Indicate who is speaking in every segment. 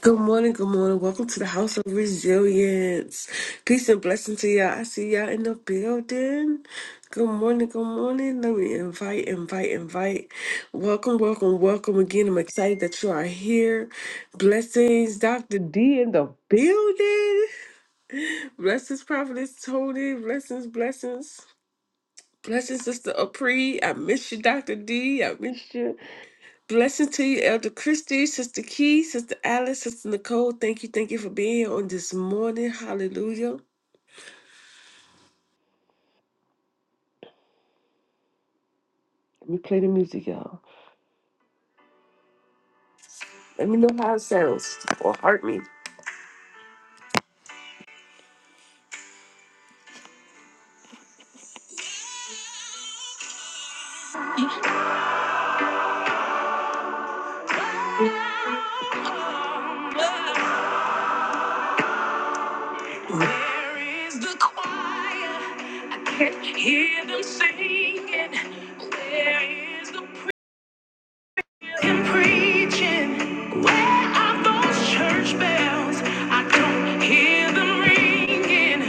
Speaker 1: Good morning, good morning. Welcome to the House of Resilience. Peace and blessing to y'all. I see y'all in the building. Good morning, good morning. Let me invite, invite, invite. Welcome, welcome, welcome again. I'm excited that you are here. Blessings, Dr. D in the building. Blessings, Prophetess Tony. Blessings, blessings. Blessings, Sister Apri. I miss you, Dr. D. I miss you. Blessings to you, Elder Christie, Sister Key, Sister Alice, Sister Nicole. Thank you, thank you for being here on this morning. Hallelujah. Let me play the music, y'all. Let me know how it sounds or hurt me. Where is the choir? I can't hear them singing. Where is the and preaching where are those church bells i don't hear them ringing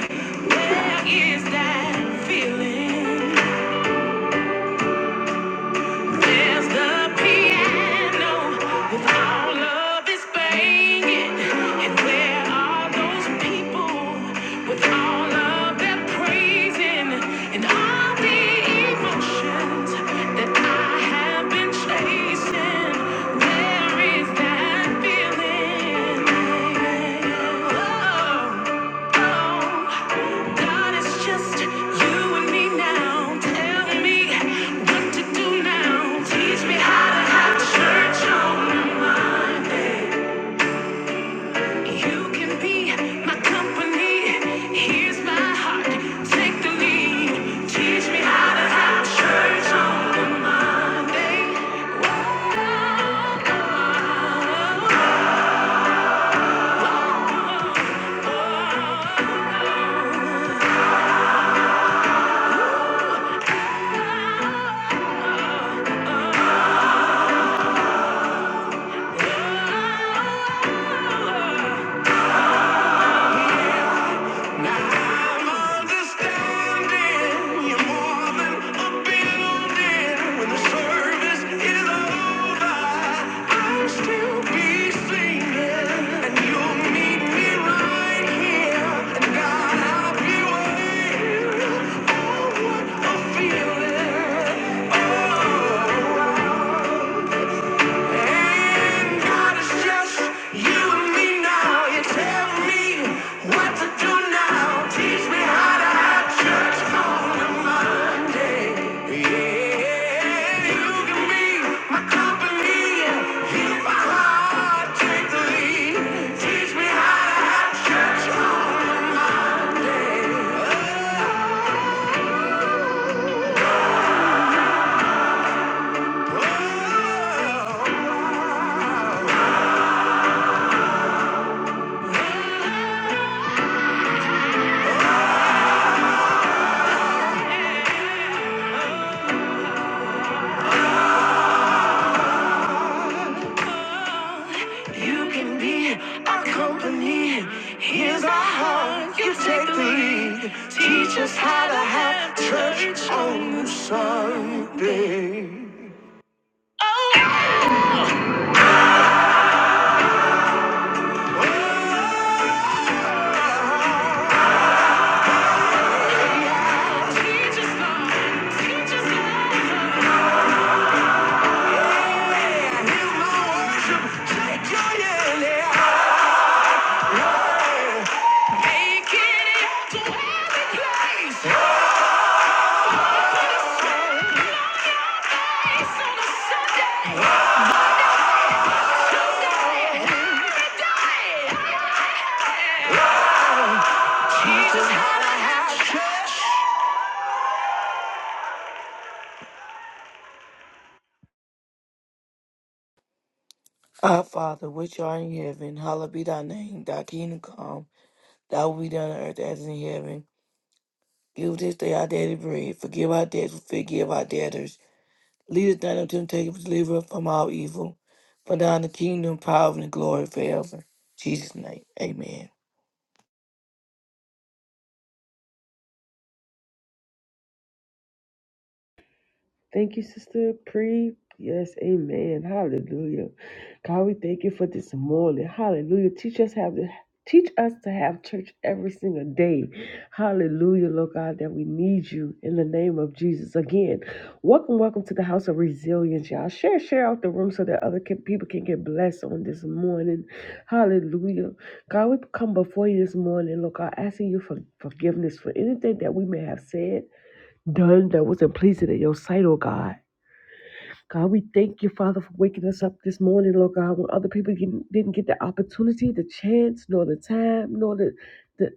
Speaker 1: where is that feeling there's the piano with all of its banging. And where are those people with all of their praising and all the emotions that I have been chasing? Where is that feeling? Oh. God, it's just you and me now. Tell me what to do now. Teach me how to have church on my mind. You can be my company. Here's my heart. Take the lead. Teach me how to have church on my mind. I'm understanding you more than a building. When the service is over, I'll still be singing, and you'll meet me right here. And God, I'll be waiting. Oh, what a feeling! Oh. oh, oh. Mm, God is just you and me now. You tell me what to do now. Teach me how to have church on a Monday. Yeah, you can be my company. If my heart take the lead, teach me how to have church on a Monday. Oh, oh, oh, oh. You can be our company. Here's our heart. You take the lead. Teach us how to have church on Sunday. Teach us love. Teach us love. Here's my worship. Take your yelling. Make it to every place. Praise on a Sunday. He's just hot as hat.
Speaker 2: Our Father, which art in heaven, hallowed be thy name. Thy kingdom come, thy will be done on earth as in heaven. Give this day our daily bread. Forgive our debts, we forgive our debtors. Lead us not into temptation, but deliver us from all evil. For thine is the kingdom, power, and the glory forever. In Jesus' name, amen.
Speaker 1: Thank you, Sister Pre. Yes, amen. Hallelujah. God, we thank you for this morning. Hallelujah. Teach us have the Teach us to have church every single day. Hallelujah, Lord God, that we need you in the name of Jesus. Again, welcome, welcome to the house of resilience, y'all. Share, share out the room so that other can, people can get blessed on this morning. Hallelujah. God, we come before you this morning, Lord God, asking you for forgiveness for anything that we may have said, done that wasn't pleasing in your sight, oh God. God, we thank you, Father, for waking us up this morning, Lord God, when other people didn't didn't get the opportunity, the chance, nor the time, nor the, the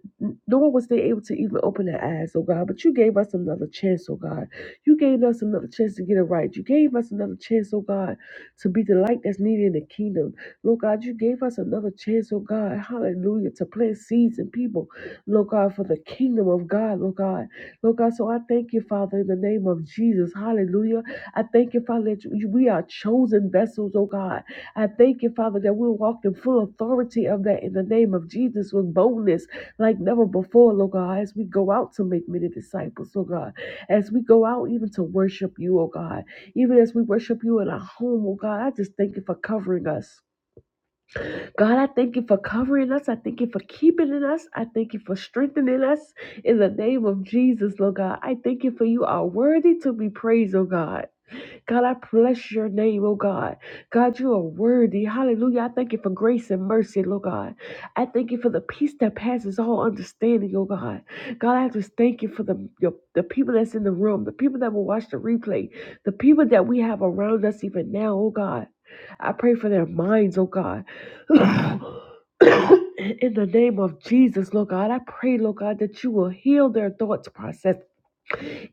Speaker 1: nor was they able to even open their eyes, oh God. But you gave us another chance, oh God. You gave us another chance to get it right. You gave us another chance, oh God, to be the light that's needed in the kingdom. Lord God, you gave us another chance, oh God, hallelujah, to plant seeds in people, Lord God, for the kingdom of God, Lord God. Lord God, so I thank you, Father, in the name of Jesus. Hallelujah. I thank you, Father, that you- we are chosen vessels, oh God. I thank you, Father, that we will walk in full authority of that in the name of Jesus with boldness like never before, Lord God, as we go out to make many disciples, oh God, as we go out even to worship you, oh God, even as we worship you in our home, oh God. I just thank you for covering us. God, I thank you for covering us. I thank you for keeping in us. I thank you for strengthening us in the name of Jesus, Lord God. I thank you for you are worthy to be praised, oh God. God, I bless your name, oh God. God, you are worthy. Hallelujah. I thank you for grace and mercy, Lord God. I thank you for the peace that passes all understanding, oh God. God, I just thank you for the, your, the people that's in the room, the people that will watch the replay, the people that we have around us even now, oh God. I pray for their minds, oh God. In the name of Jesus, Lord God, I pray, Lord God, that you will heal their thoughts process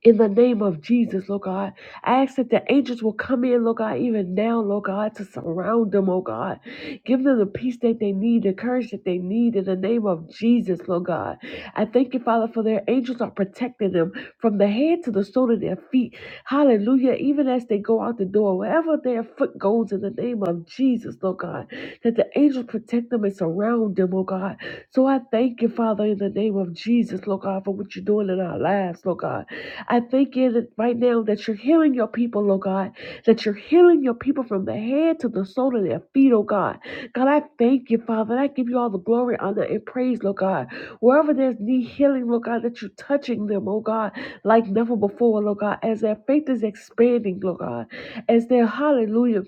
Speaker 1: in the name of Jesus, Lord God. I ask that the angels will come in, Lord God, even now, Lord God, to surround them, oh God. Give them the peace that they need, the courage that they need in the name of Jesus, Lord God. I thank you, Father, for their angels are protecting them from the head to the sole of their feet. Hallelujah. Even as they go out the door, wherever their foot goes in the name of Jesus, Lord God, that the angels protect them and surround them, oh God. So I thank you you, Father, in the name of Jesus, Lord God, for what you're doing in our lives, Lord God. I thank you that right now that you're healing your people, Lord God, that you're healing your people from the head to the sole of their feet, oh God. God, I thank you, Father. and I give you all the glory, honor, and praise, Lord God. Wherever there's need healing, Lord God, that you're touching them, oh God, like never before, Lord God, as their faith is expanding, Lord God, as their hallelujah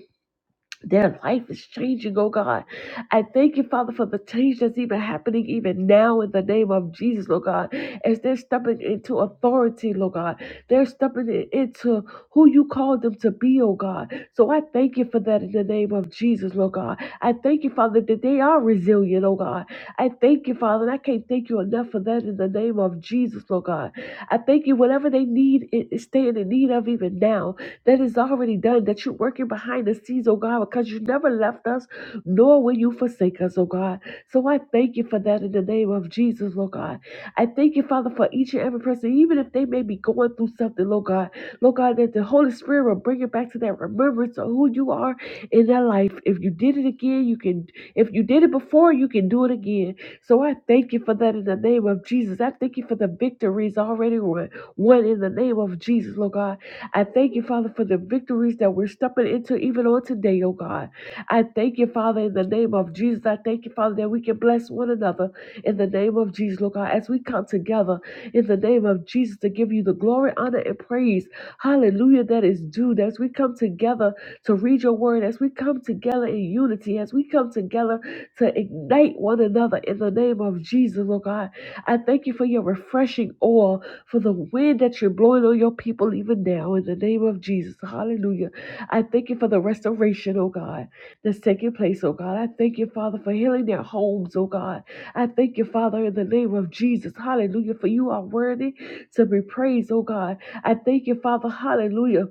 Speaker 1: their life is changing, oh God. I thank you, Father, for the change that's even happening even now in the name of Jesus, Lord God. As they're stepping into authority, Lord God. They're stepping in- into who you called them to be, oh God. So I thank you for that in the name of Jesus, Lord God. I thank you, Father, that they are resilient, oh God. I thank you, Father, and I can't thank you enough for that in the name of Jesus, Jesus, Lord God. I thank you, whatever they need, it- stand in need of even now, that is already done, that you're working behind the scenes, oh God, because you never left us, nor will you forsake us, oh God. So I thank you for that in the name of Jesus, Lord God. I thank you, Father, for each and every person, even if they may be going through something, Lord God. Lord God, that the Holy Spirit will bring it back to that remembrance of who you are in their their life. If you did it again, you can. If you did it before, you can do it again. So I thank you for that in the name of Jesus. I thank you for the victories already won, won in the name of Jesus, Lord God. I thank you, Father, for the victories that we're stepping into even on today, oh God. I thank you, Father, in the name of Jesus. I thank you, Father, that we can bless one another in the name of Jesus, Lord God, as we come together in the name of Jesus to give you the glory, honor, and praise. Hallelujah, that is due. As we come together to read your word, as we come together in unity, as we come together to ignite one another in the name of Jesus, oh God. I thank you for your refreshing oil, for the wind that you're blowing on your people even now in the name of Jesus. Hallelujah. I thank you for the restoration, oh God, that's taking place, oh God. I thank you, Father, for healing their homes, oh God. I thank you, Father, in the name of Jesus. Hallelujah. For you are worthy to be praised, oh God. I thank you, Father. Hallelujah.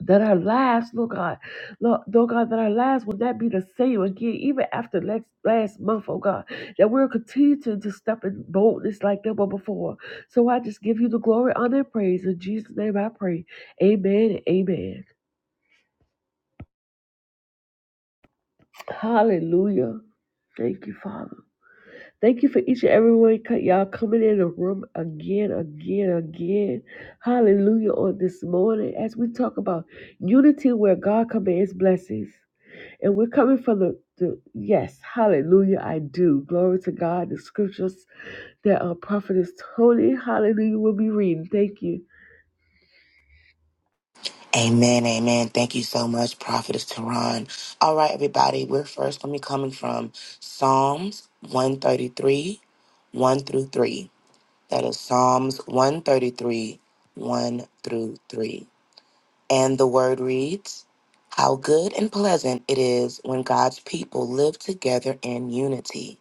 Speaker 1: That our lives, Lord God, Lord, Lord God, that our lives will not be the same again, even after next last month, oh God, that we'll continue to, to step in boldness like never before. So I just give you the glory, honor, and praise. In Jesus' name I pray. Amen and amen. Hallelujah. Thank you, Father. Thank you for each and every one co- y'all coming in the room again, again, again. Hallelujah on this morning as we talk about unity where God comes and his blessings. And we're coming from the, the yes, hallelujah, I do. Glory to God, the scriptures that our prophet is Tony, hallelujah, will be reading. Thank you.
Speaker 3: Amen, amen. Thank you so much, Prophetess Tehran. All right, everybody, we're first going to be coming from Psalms 133, 1 through 3. That is Psalms 133, 1 through 3. And the word reads How good and pleasant it is when God's people live together in unity.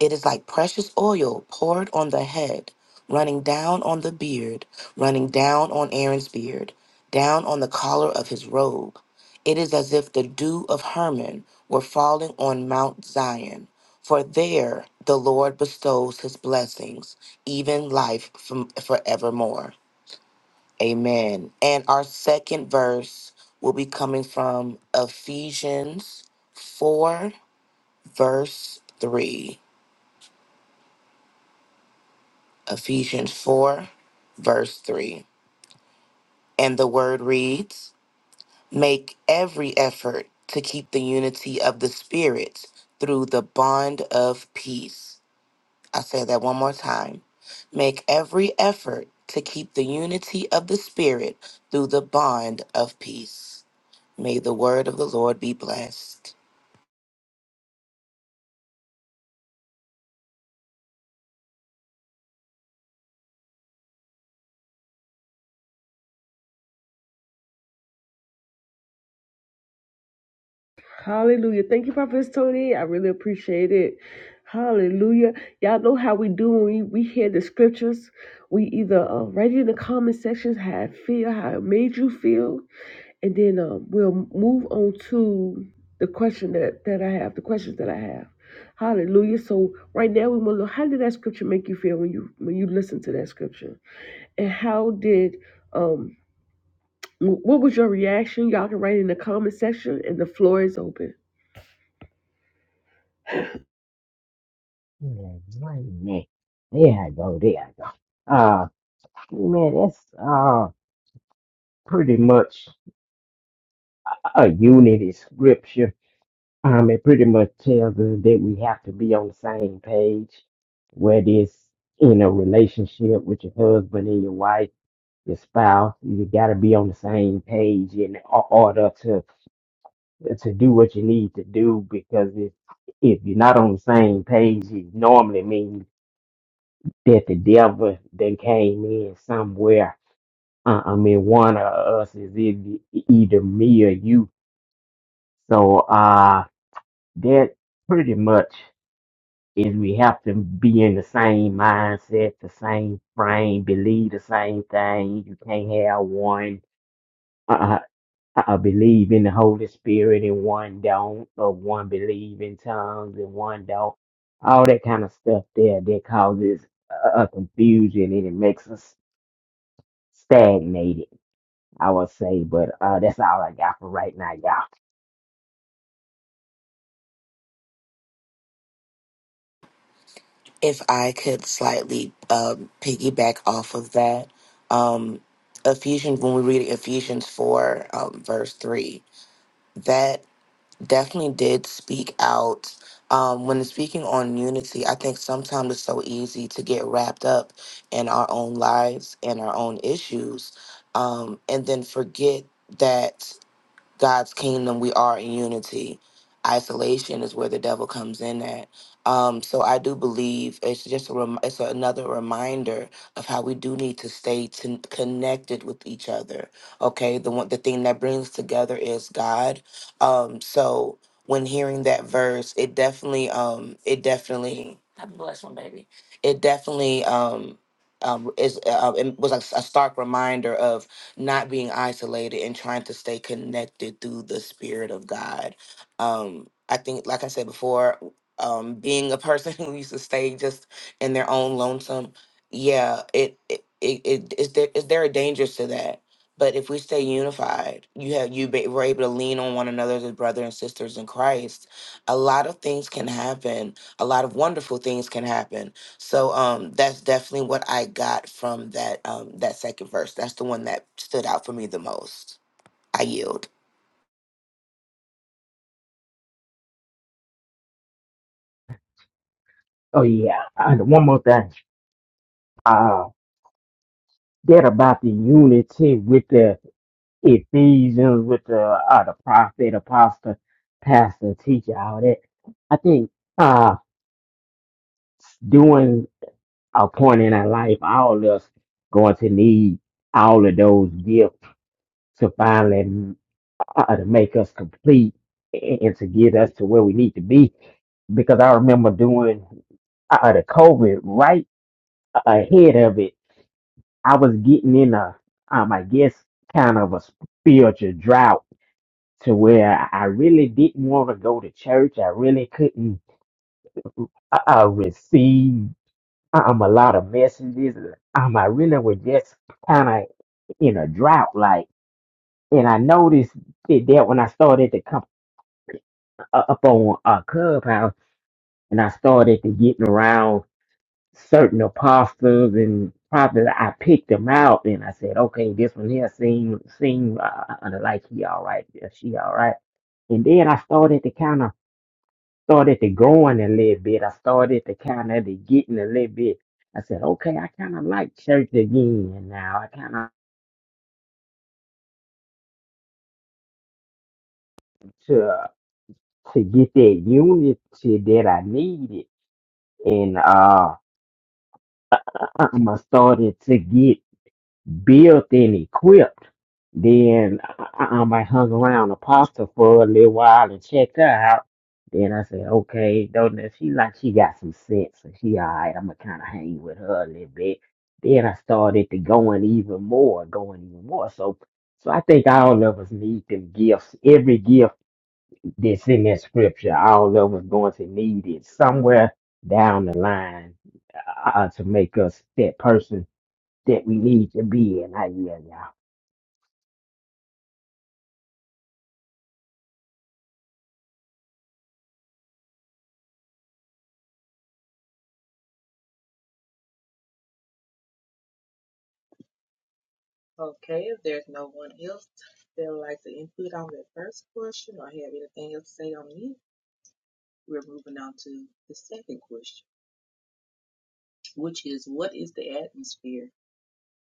Speaker 3: It is like precious oil poured on the head, running down on the beard, running down on Aaron's beard, down on the collar of his robe. It is as if the dew of Hermon were falling on Mount Zion, for there the Lord bestows his blessings, even life from forevermore. Amen. And our second verse will be coming from Ephesians 4, verse 3. Ephesians 4, verse 3. And the word reads Make every effort to keep the unity of the Spirit through the bond of peace. I say that one more time. Make every effort to keep the unity of the Spirit through the bond of peace. May the word of the Lord be blessed.
Speaker 1: Hallelujah. Thank you, Prophet Tony. I really appreciate it. Hallelujah. Y'all know how we do when we, we hear the scriptures. We either uh, write it in the comment sections how it feel, how it made you feel, and then um, we'll move on to the question that, that I have, the questions that I have. Hallelujah. So right now we want to know how did that scripture make you feel when you when you listen to that scripture? and how did um wh- what was your reaction? Y'all can write in the comment section and the floor is open.
Speaker 4: Man, wait a There I go. There I go. Uh, man, that's uh pretty much a unity scripture. Um, it pretty much tells us that we have to be on the same page, whether it's in a relationship with your husband and your wife, your spouse. You got to be on the same page in o- order to to do what you need to do because if if you're not on the same page, it normally means that the devil then came in somewhere. Uh, I mean, one of us is either, either me or you. So uh, that pretty much is we have to be in the same mindset, the same frame, believe the same thing. You can't have one. Uh, I believe in the Holy Spirit and one don't, or one believe in tongues and one don't. All that kind of stuff there that causes uh, uh, confusion and it makes us stagnated, I would say. But uh, that's all I got for right now, y'all.
Speaker 3: if I could slightly um, piggyback off of that, um, Ephesians, when we read Ephesians 4, um, verse 3, that definitely did speak out. Um, when it's speaking on unity, I think sometimes it's so easy to get wrapped up in our own lives and our own issues um, and then forget that. God's kingdom, we are in unity. Isolation is where the devil comes in at. Um, so I do believe it's just a rem- it's another reminder of how we do need to stay t- connected with each other. Okay, the one the thing that brings together is God. Um, so when hearing that verse, it definitely um, it definitely society. It definitely um, um, is uh, it was a, a stark reminder of not being isolated and trying to stay connected through the spirit of God. Um, I think, like I said before, um, being a person who used to stay just in their own lonesome, yeah, it it, it, it is there is there a danger to that? But if we stay unified, you have you be, we're able to lean on one another as brothers and sisters in Christ. A lot of things can happen a lot of wonderful things can happen. So um, that's definitely what I got from that um, that second verse. That's the one that stood out for me the most. I yield.
Speaker 4: Oh yeah, uh, the one more thing. Uh, that about the unity with the Ephesians, with the uh, the prophet, apostle, pastor, teacher, all that. I think uh, doing a point in our life, all of us going to need all of those gifts to finally. uh, to make us complete and, and to get us to where we need to be. Because I remember doing uh, the COVID right ahead of it. I was getting in a, um, I guess, kind of a spiritual drought to where I really didn't want to go to church. I really couldn't uh, uh, receive um, a lot of messages. Um, I really was just kind of in a drought, like, and I noticed it that when I started to come uh, up on uh, Clubhouse and I started to getting around certain apostles and prophets. I picked them out, and I said, "Okay, this one here seem seem uh, uh, like he all right, uh, she all right." And then I started to kind of started to growing a little bit. I started to kind of to getting a little bit. I said, "Okay, I kind of like church again now. I kind of to to get that unity that I needed." And uh, I started to get. built and equipped. Then I, I, I hung around Apostle for a little while and checked her out. Then I said, okay, don't know. She like she got some sense, so she all right. I'm gonna kind of hang with her a little bit. Then I started to going even more, going even more. So, so I think all of us need them gifts. Every gift that's in that scripture, all of us going to need it somewhere down the line uh, to make us that person that we need to be in. I yeah, yeah.
Speaker 5: Okay, if there's no one else that would like to input on that first question or have anything else to say on it, we're moving on to the second question, which is what is the atmosphere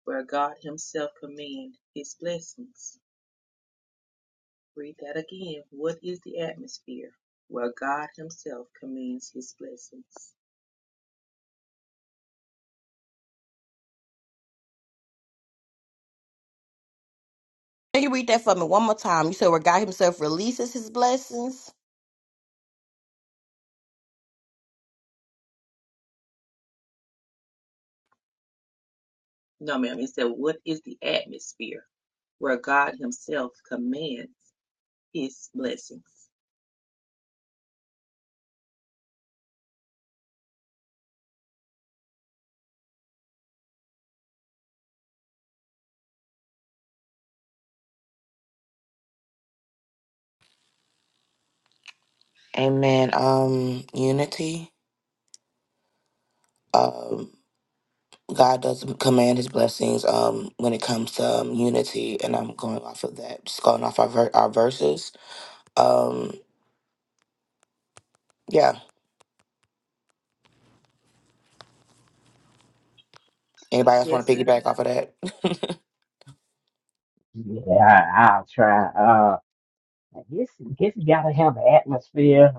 Speaker 5: where God Himself commands His blessings? Read that again. What is the atmosphere where God Himself commands His blessings?
Speaker 6: Can you read that for me one more time? You said where God Himself releases His blessings.
Speaker 5: No, ma'am, it said what is the atmosphere where God Himself commands His blessings?
Speaker 3: Amen. Um, unity. Um, God does command His blessings um, when it comes to um, unity, and I'm going off of that. Just going off our ver- our verses. Um, yeah. Anybody else want to
Speaker 5: Yes, ma'am.
Speaker 3: piggyback off of that?
Speaker 4: Yeah, I, I'll try. Uh, it's it's got to have an atmosphere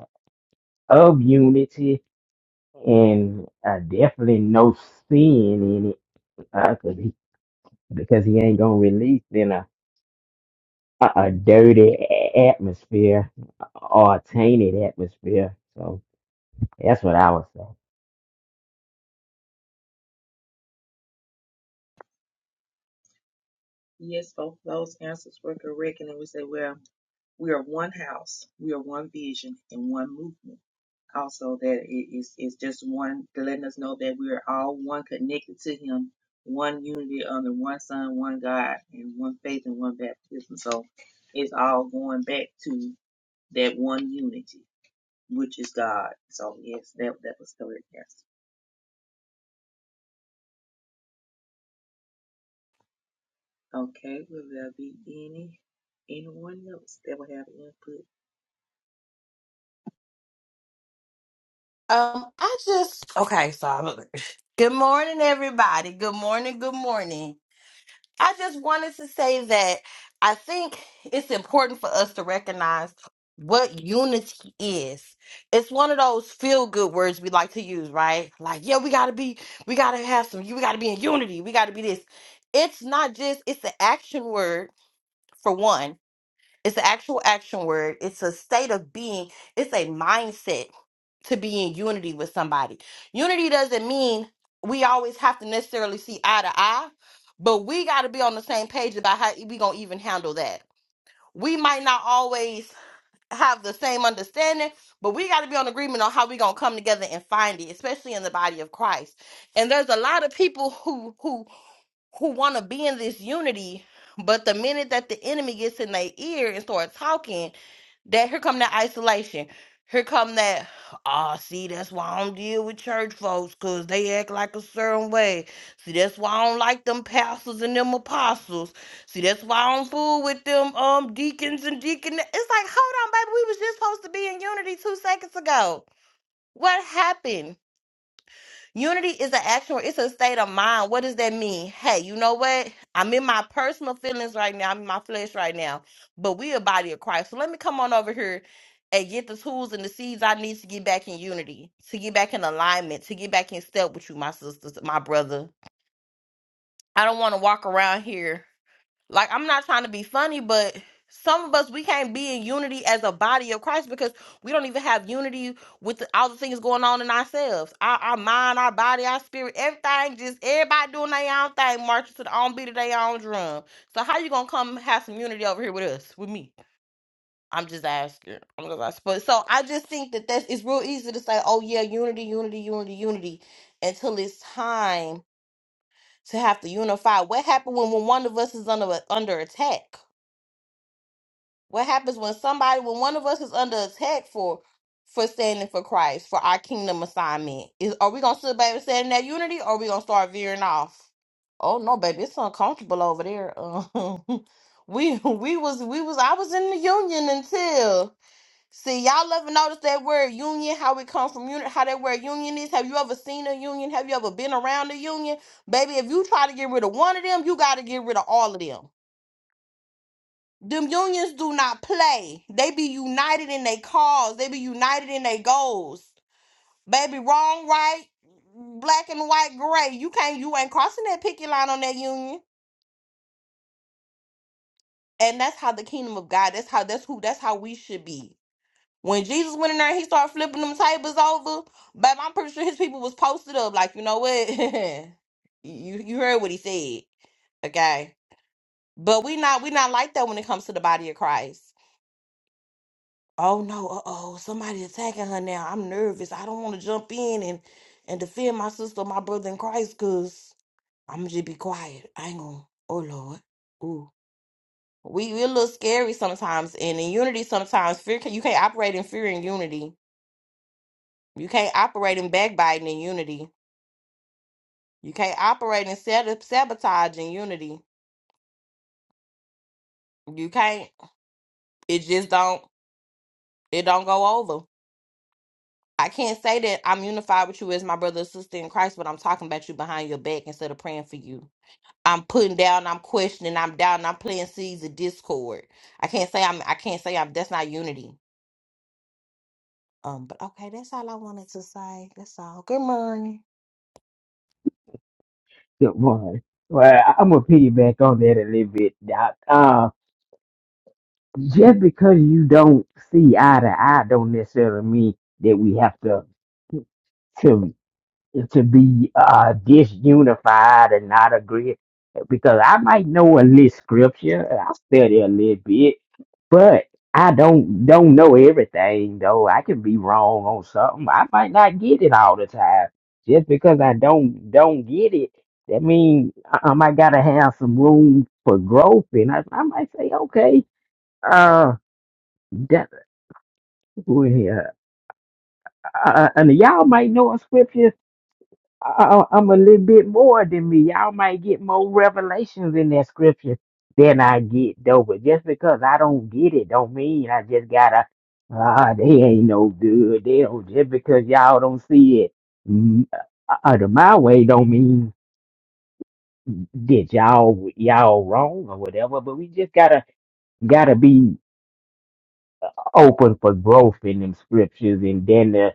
Speaker 4: of unity and uh, definitely no sin in it, uh, 'cause he, because he ain't gonna release in a a, a dirty a- atmosphere or a tainted atmosphere. So that's what I would say.
Speaker 5: Yes, both those answers were correct. And then we say, well, we are one house, we are one vision, and one movement. Also, that it is it's just one, letting us know that we are all one connected to Him, one unity under one Son, one God, and one faith and one baptism. So it's all going back to that one unity, which is God. So yes, that that was correct. Yes. Okay. Will there be any anyone else that will have input?
Speaker 6: Um, I just okay. So, I'm- good morning, everybody. Good morning. Good morning. I just wanted to say that I think it's important for us to recognize what unity is. It's one of those feel good words we like to use, right? Like, yeah, we gotta be, we gotta have some, we gotta be in unity. We gotta be this. It's not just. It's an action word for one It's the actual action word. It's a state of being. It's a mindset to be in unity with somebody. Unity doesn't mean we always have to necessarily see eye to eye, but we got to be on the same page about how we going to even handle that. We might not always have the same understanding, but we got to be on agreement on how we going to come together and find it, especially in the body of Christ. And there's a lot of people who who who want to be in this unity, but the minute that the enemy gets in their ear and start talking, that here come that isolation. Here come that, ah, see, that's why I don't deal with church folks, because they act like a certain way. See, that's why I don't like them pastors and them apostles. See, that's why I don't fool with them um deacons and deacon. It's like, hold on, baby, we was just supposed to be in unity two seconds ago. What happened? Unity is an actual, it's a state of mind. What does that mean? Hey, you know what? I'm in my personal feelings right now. I'm in my flesh right now. But we a body of Christ. So let me come on over here and get the tools and the seeds I need to get back in unity, to get back in alignment, to get back in step with you, my sisters, my brother. I don't want to walk around here. Like, I'm not trying to be funny, but some of us, we can't be in unity as a body of Christ because we don't even have unity with the, all the things going on in ourselves. Our, our mind, our body, our spirit, everything, just everybody doing their own thing, marching to the own beat of their own drum. So, how you going to come have some unity over here with us, with me? I'm just asking. I'm just asking. But so I just think that that's it's real easy to say, oh, yeah, unity, unity, unity, unity, until it's time to have to unify. What happened when, when one of us is under, under attack? What happens when somebody, when one of us is under attack for for standing for Christ, for our kingdom assignment? Is are we gonna sit back and stand in that unity, or are we gonna start veering off? Oh no, baby, it's uncomfortable over there. Uh, we we was we was I was in the union until see y'all ever notice that word union? How it come from unit? How that word union is? Have you ever seen a union? Have you ever been around a union, baby? If you try to get rid of one of them, you got to get rid of all of them them unions do not play. They be united in their cause. They be united in their goals. Baby, wrong, right, black and white, gray. You can't. You ain't crossing that picket line on that union. And that's how the kingdom of God. That's how. That's who. That's how we should be. When Jesus went in there, and he started flipping them tables over. Babe, I'm pretty sure his people was posted up. Like you know what? you you heard what he said. Okay, but we not we not like that when it comes to the body of Christ. oh no, uh oh, somebody attacking her now. I'm nervous. I don't want to jump in and and defend my sister, my brother in Christ, cause I'ma just be quiet. I ain't gonna. Oh Lord, ooh, we we a little scary sometimes, and in unity sometimes fear can, you can't operate in fear and unity. You can't operate in backbiting in unity. You can't operate in sab- sabotage in unity. You can't. It just don't. It don't go over. I can't say that I'm unified with you as my brother or sister in Christ, but I'm talking about you behind your back instead of praying for you. I'm putting down, I'm questioning, I'm down, I'm playing seeds of discord. I can't say I'm I can't say I'm that's not unity. Um, but okay, that's all I wanted to say. That's all. Good morning.
Speaker 4: Good morning. Well, I- I'm gonna piggyback on that a little bit, Doc. uh, just because you don't see eye to eye don't necessarily mean that we have to to to be uh disunified and not agree because I might know a little scripture, I study a little bit, but I don't don't know everything though. I can be wrong on something. I might not get it all the time. Just because I don't don't get it, that means I, I might gotta have some room for growth and I, I might say, okay, uh well, yeah. Uh, and y'all might know in scripture, I, I, am a little bit more than me. Y'all might get more revelations in that scripture than I get, though. But just because I don't get it, don't mean I just gotta. Ah, they ain't no good. They don't just because y'all don't see it mm, uh, uh, the my way don't mean that y'all y'all wrong or whatever. But we just gotta gotta be open for growth in them scriptures, and then.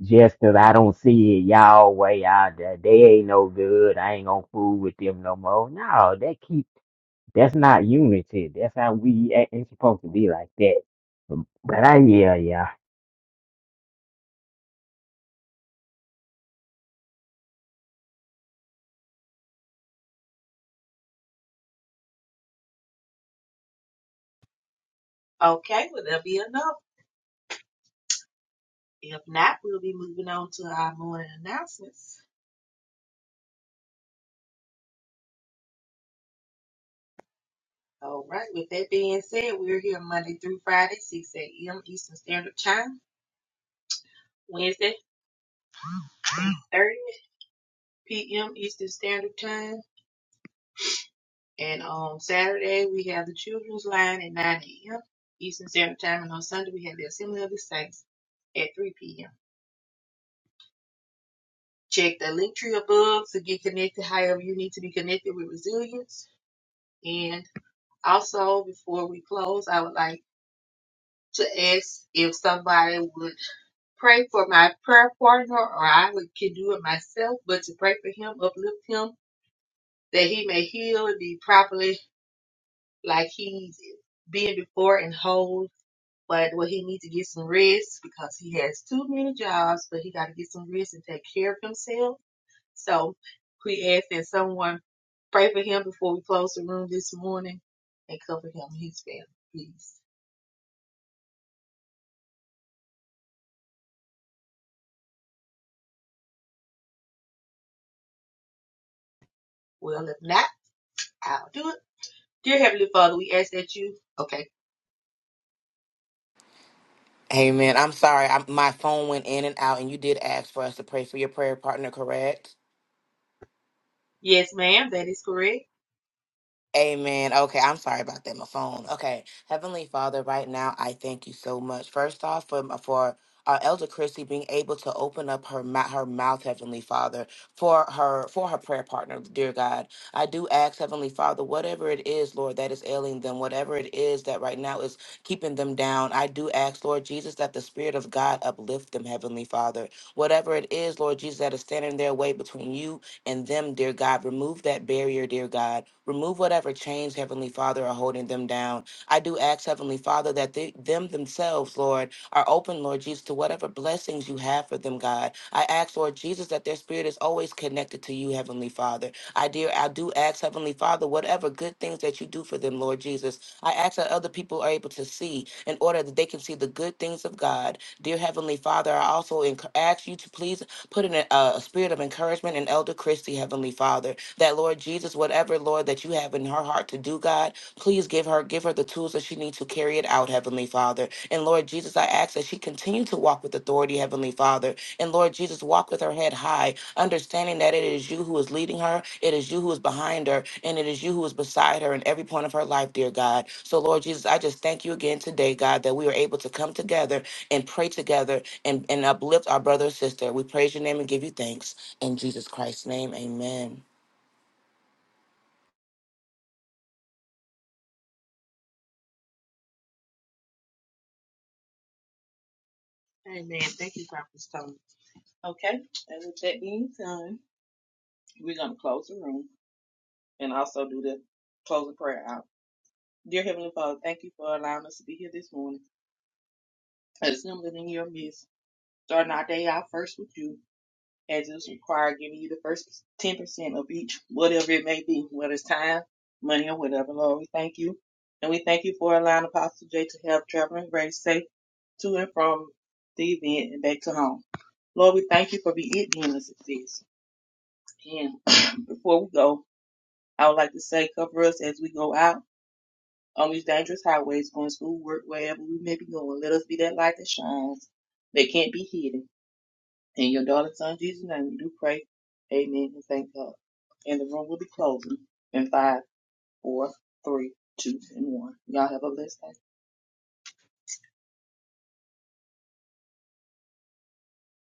Speaker 4: Just 'cause I don't see it y'all way out there. They ain't no good. I ain't gonna fool with them no more. No, that keep that's not unity. That's how we ain't supposed to be like that. But I yeah, yeah.
Speaker 5: Okay. Will there be another? If not, we'll be moving on to our morning announcements. All right, with that being said, we're here Monday through Friday, 6 a.m. Eastern Standard Time. Wednesday, 30 p.m. Eastern Standard Time. And on Saturday, we have the Children's Line at 9 a.m. Eastern Standard Time. And on Sunday, we have the Assembly of the Saints at 3 p.m. Check the link tree above to get connected however you need to be connected with Resilience. And also, before we close, I would like to ask if somebody would pray for my prayer partner or I would, can do it myself, but to pray for him, uplift him, that he may heal and be properly like he's been before and whole. But well, he needs to get some rest because he has too many jobs, but he got to get some rest and take care of himself. So we ask that someone pray for him before we close the room this morning and cover him and his family, please. Well, if not, I'll do it. Dear Heavenly Father, we ask that you. Okay.
Speaker 3: Amen. I'm sorry. I, my phone went in and out, and you did ask for us to pray for your prayer partner, correct?
Speaker 5: Yes, ma'am. That is correct.
Speaker 3: Amen. Okay, I'm sorry about that. My phone. Okay, Heavenly Father, right now I thank you so much. First off, for for uh, Elder Christie being able to open up her mou- her mouth, Heavenly Father, for her for her prayer partner, dear God, I do ask Heavenly Father, whatever it is, Lord, that is ailing them, whatever it is that right now is keeping them down, I do ask, Lord Jesus, that the Spirit of God uplift them, Heavenly Father. Whatever it is, Lord Jesus, that is standing in their way between you in them, dear God. Remove that barrier, dear God. Remove whatever chains, Heavenly Father, are holding them down. I do ask, Heavenly Father, that they, them themselves, Lord, are open, Lord Jesus, to whatever blessings you have for them, God. I ask, Lord Jesus, that their spirit is always connected to you, Heavenly Father. I dear, I do ask, Heavenly Father, whatever good things that you do for them, Lord Jesus. I ask that other people are able to see in order that they can see the good things of God. Dear Heavenly Father, I also enc- ask you to please Put in a, a spirit of encouragement in Elder Christie, Heavenly Father, that Lord Jesus, whatever, Lord, that you have in her heart to do, God, please give her, give her the tools that she needs to carry it out, Heavenly Father. And Lord Jesus, I ask that she continue to walk with authority, Heavenly Father. And Lord Jesus, walk with her head high, understanding that it is you who is leading her, it is you who is behind her, and it is you who is beside her in every point of her life, dear God. So, Lord Jesus, I just thank you again today, God, that we are able to come together and pray together and, and uplift our brother and sister. We praise your name and give you thanks. In Jesus Christ's name, amen.
Speaker 5: Amen. Thank you, Prophet Tony. Okay. And with that being done, we're going to close the room and also do the closing prayer out. Dear Heavenly Father, thank you for allowing us to be here this morning, assembling in your midst, starting our day out first with you, as it is required, giving you the first 10% of each, whatever it may be, whether it's time, money, or whatever. Lord, we thank you. And we thank you for allowing Apostle J to have traveling grace safe to and from the event and back to home. Lord, we thank you for being it being a success. And before we go, I would like to say, cover us as we go out on these dangerous highways, going to school, work, wherever we may be going. Let us be that light that shines, that can't be hidden. In your darling son Jesus' name, we do pray. Amen and thank God. And the room will be closing in five, four, three, two, and one. Y'all have a blessed day.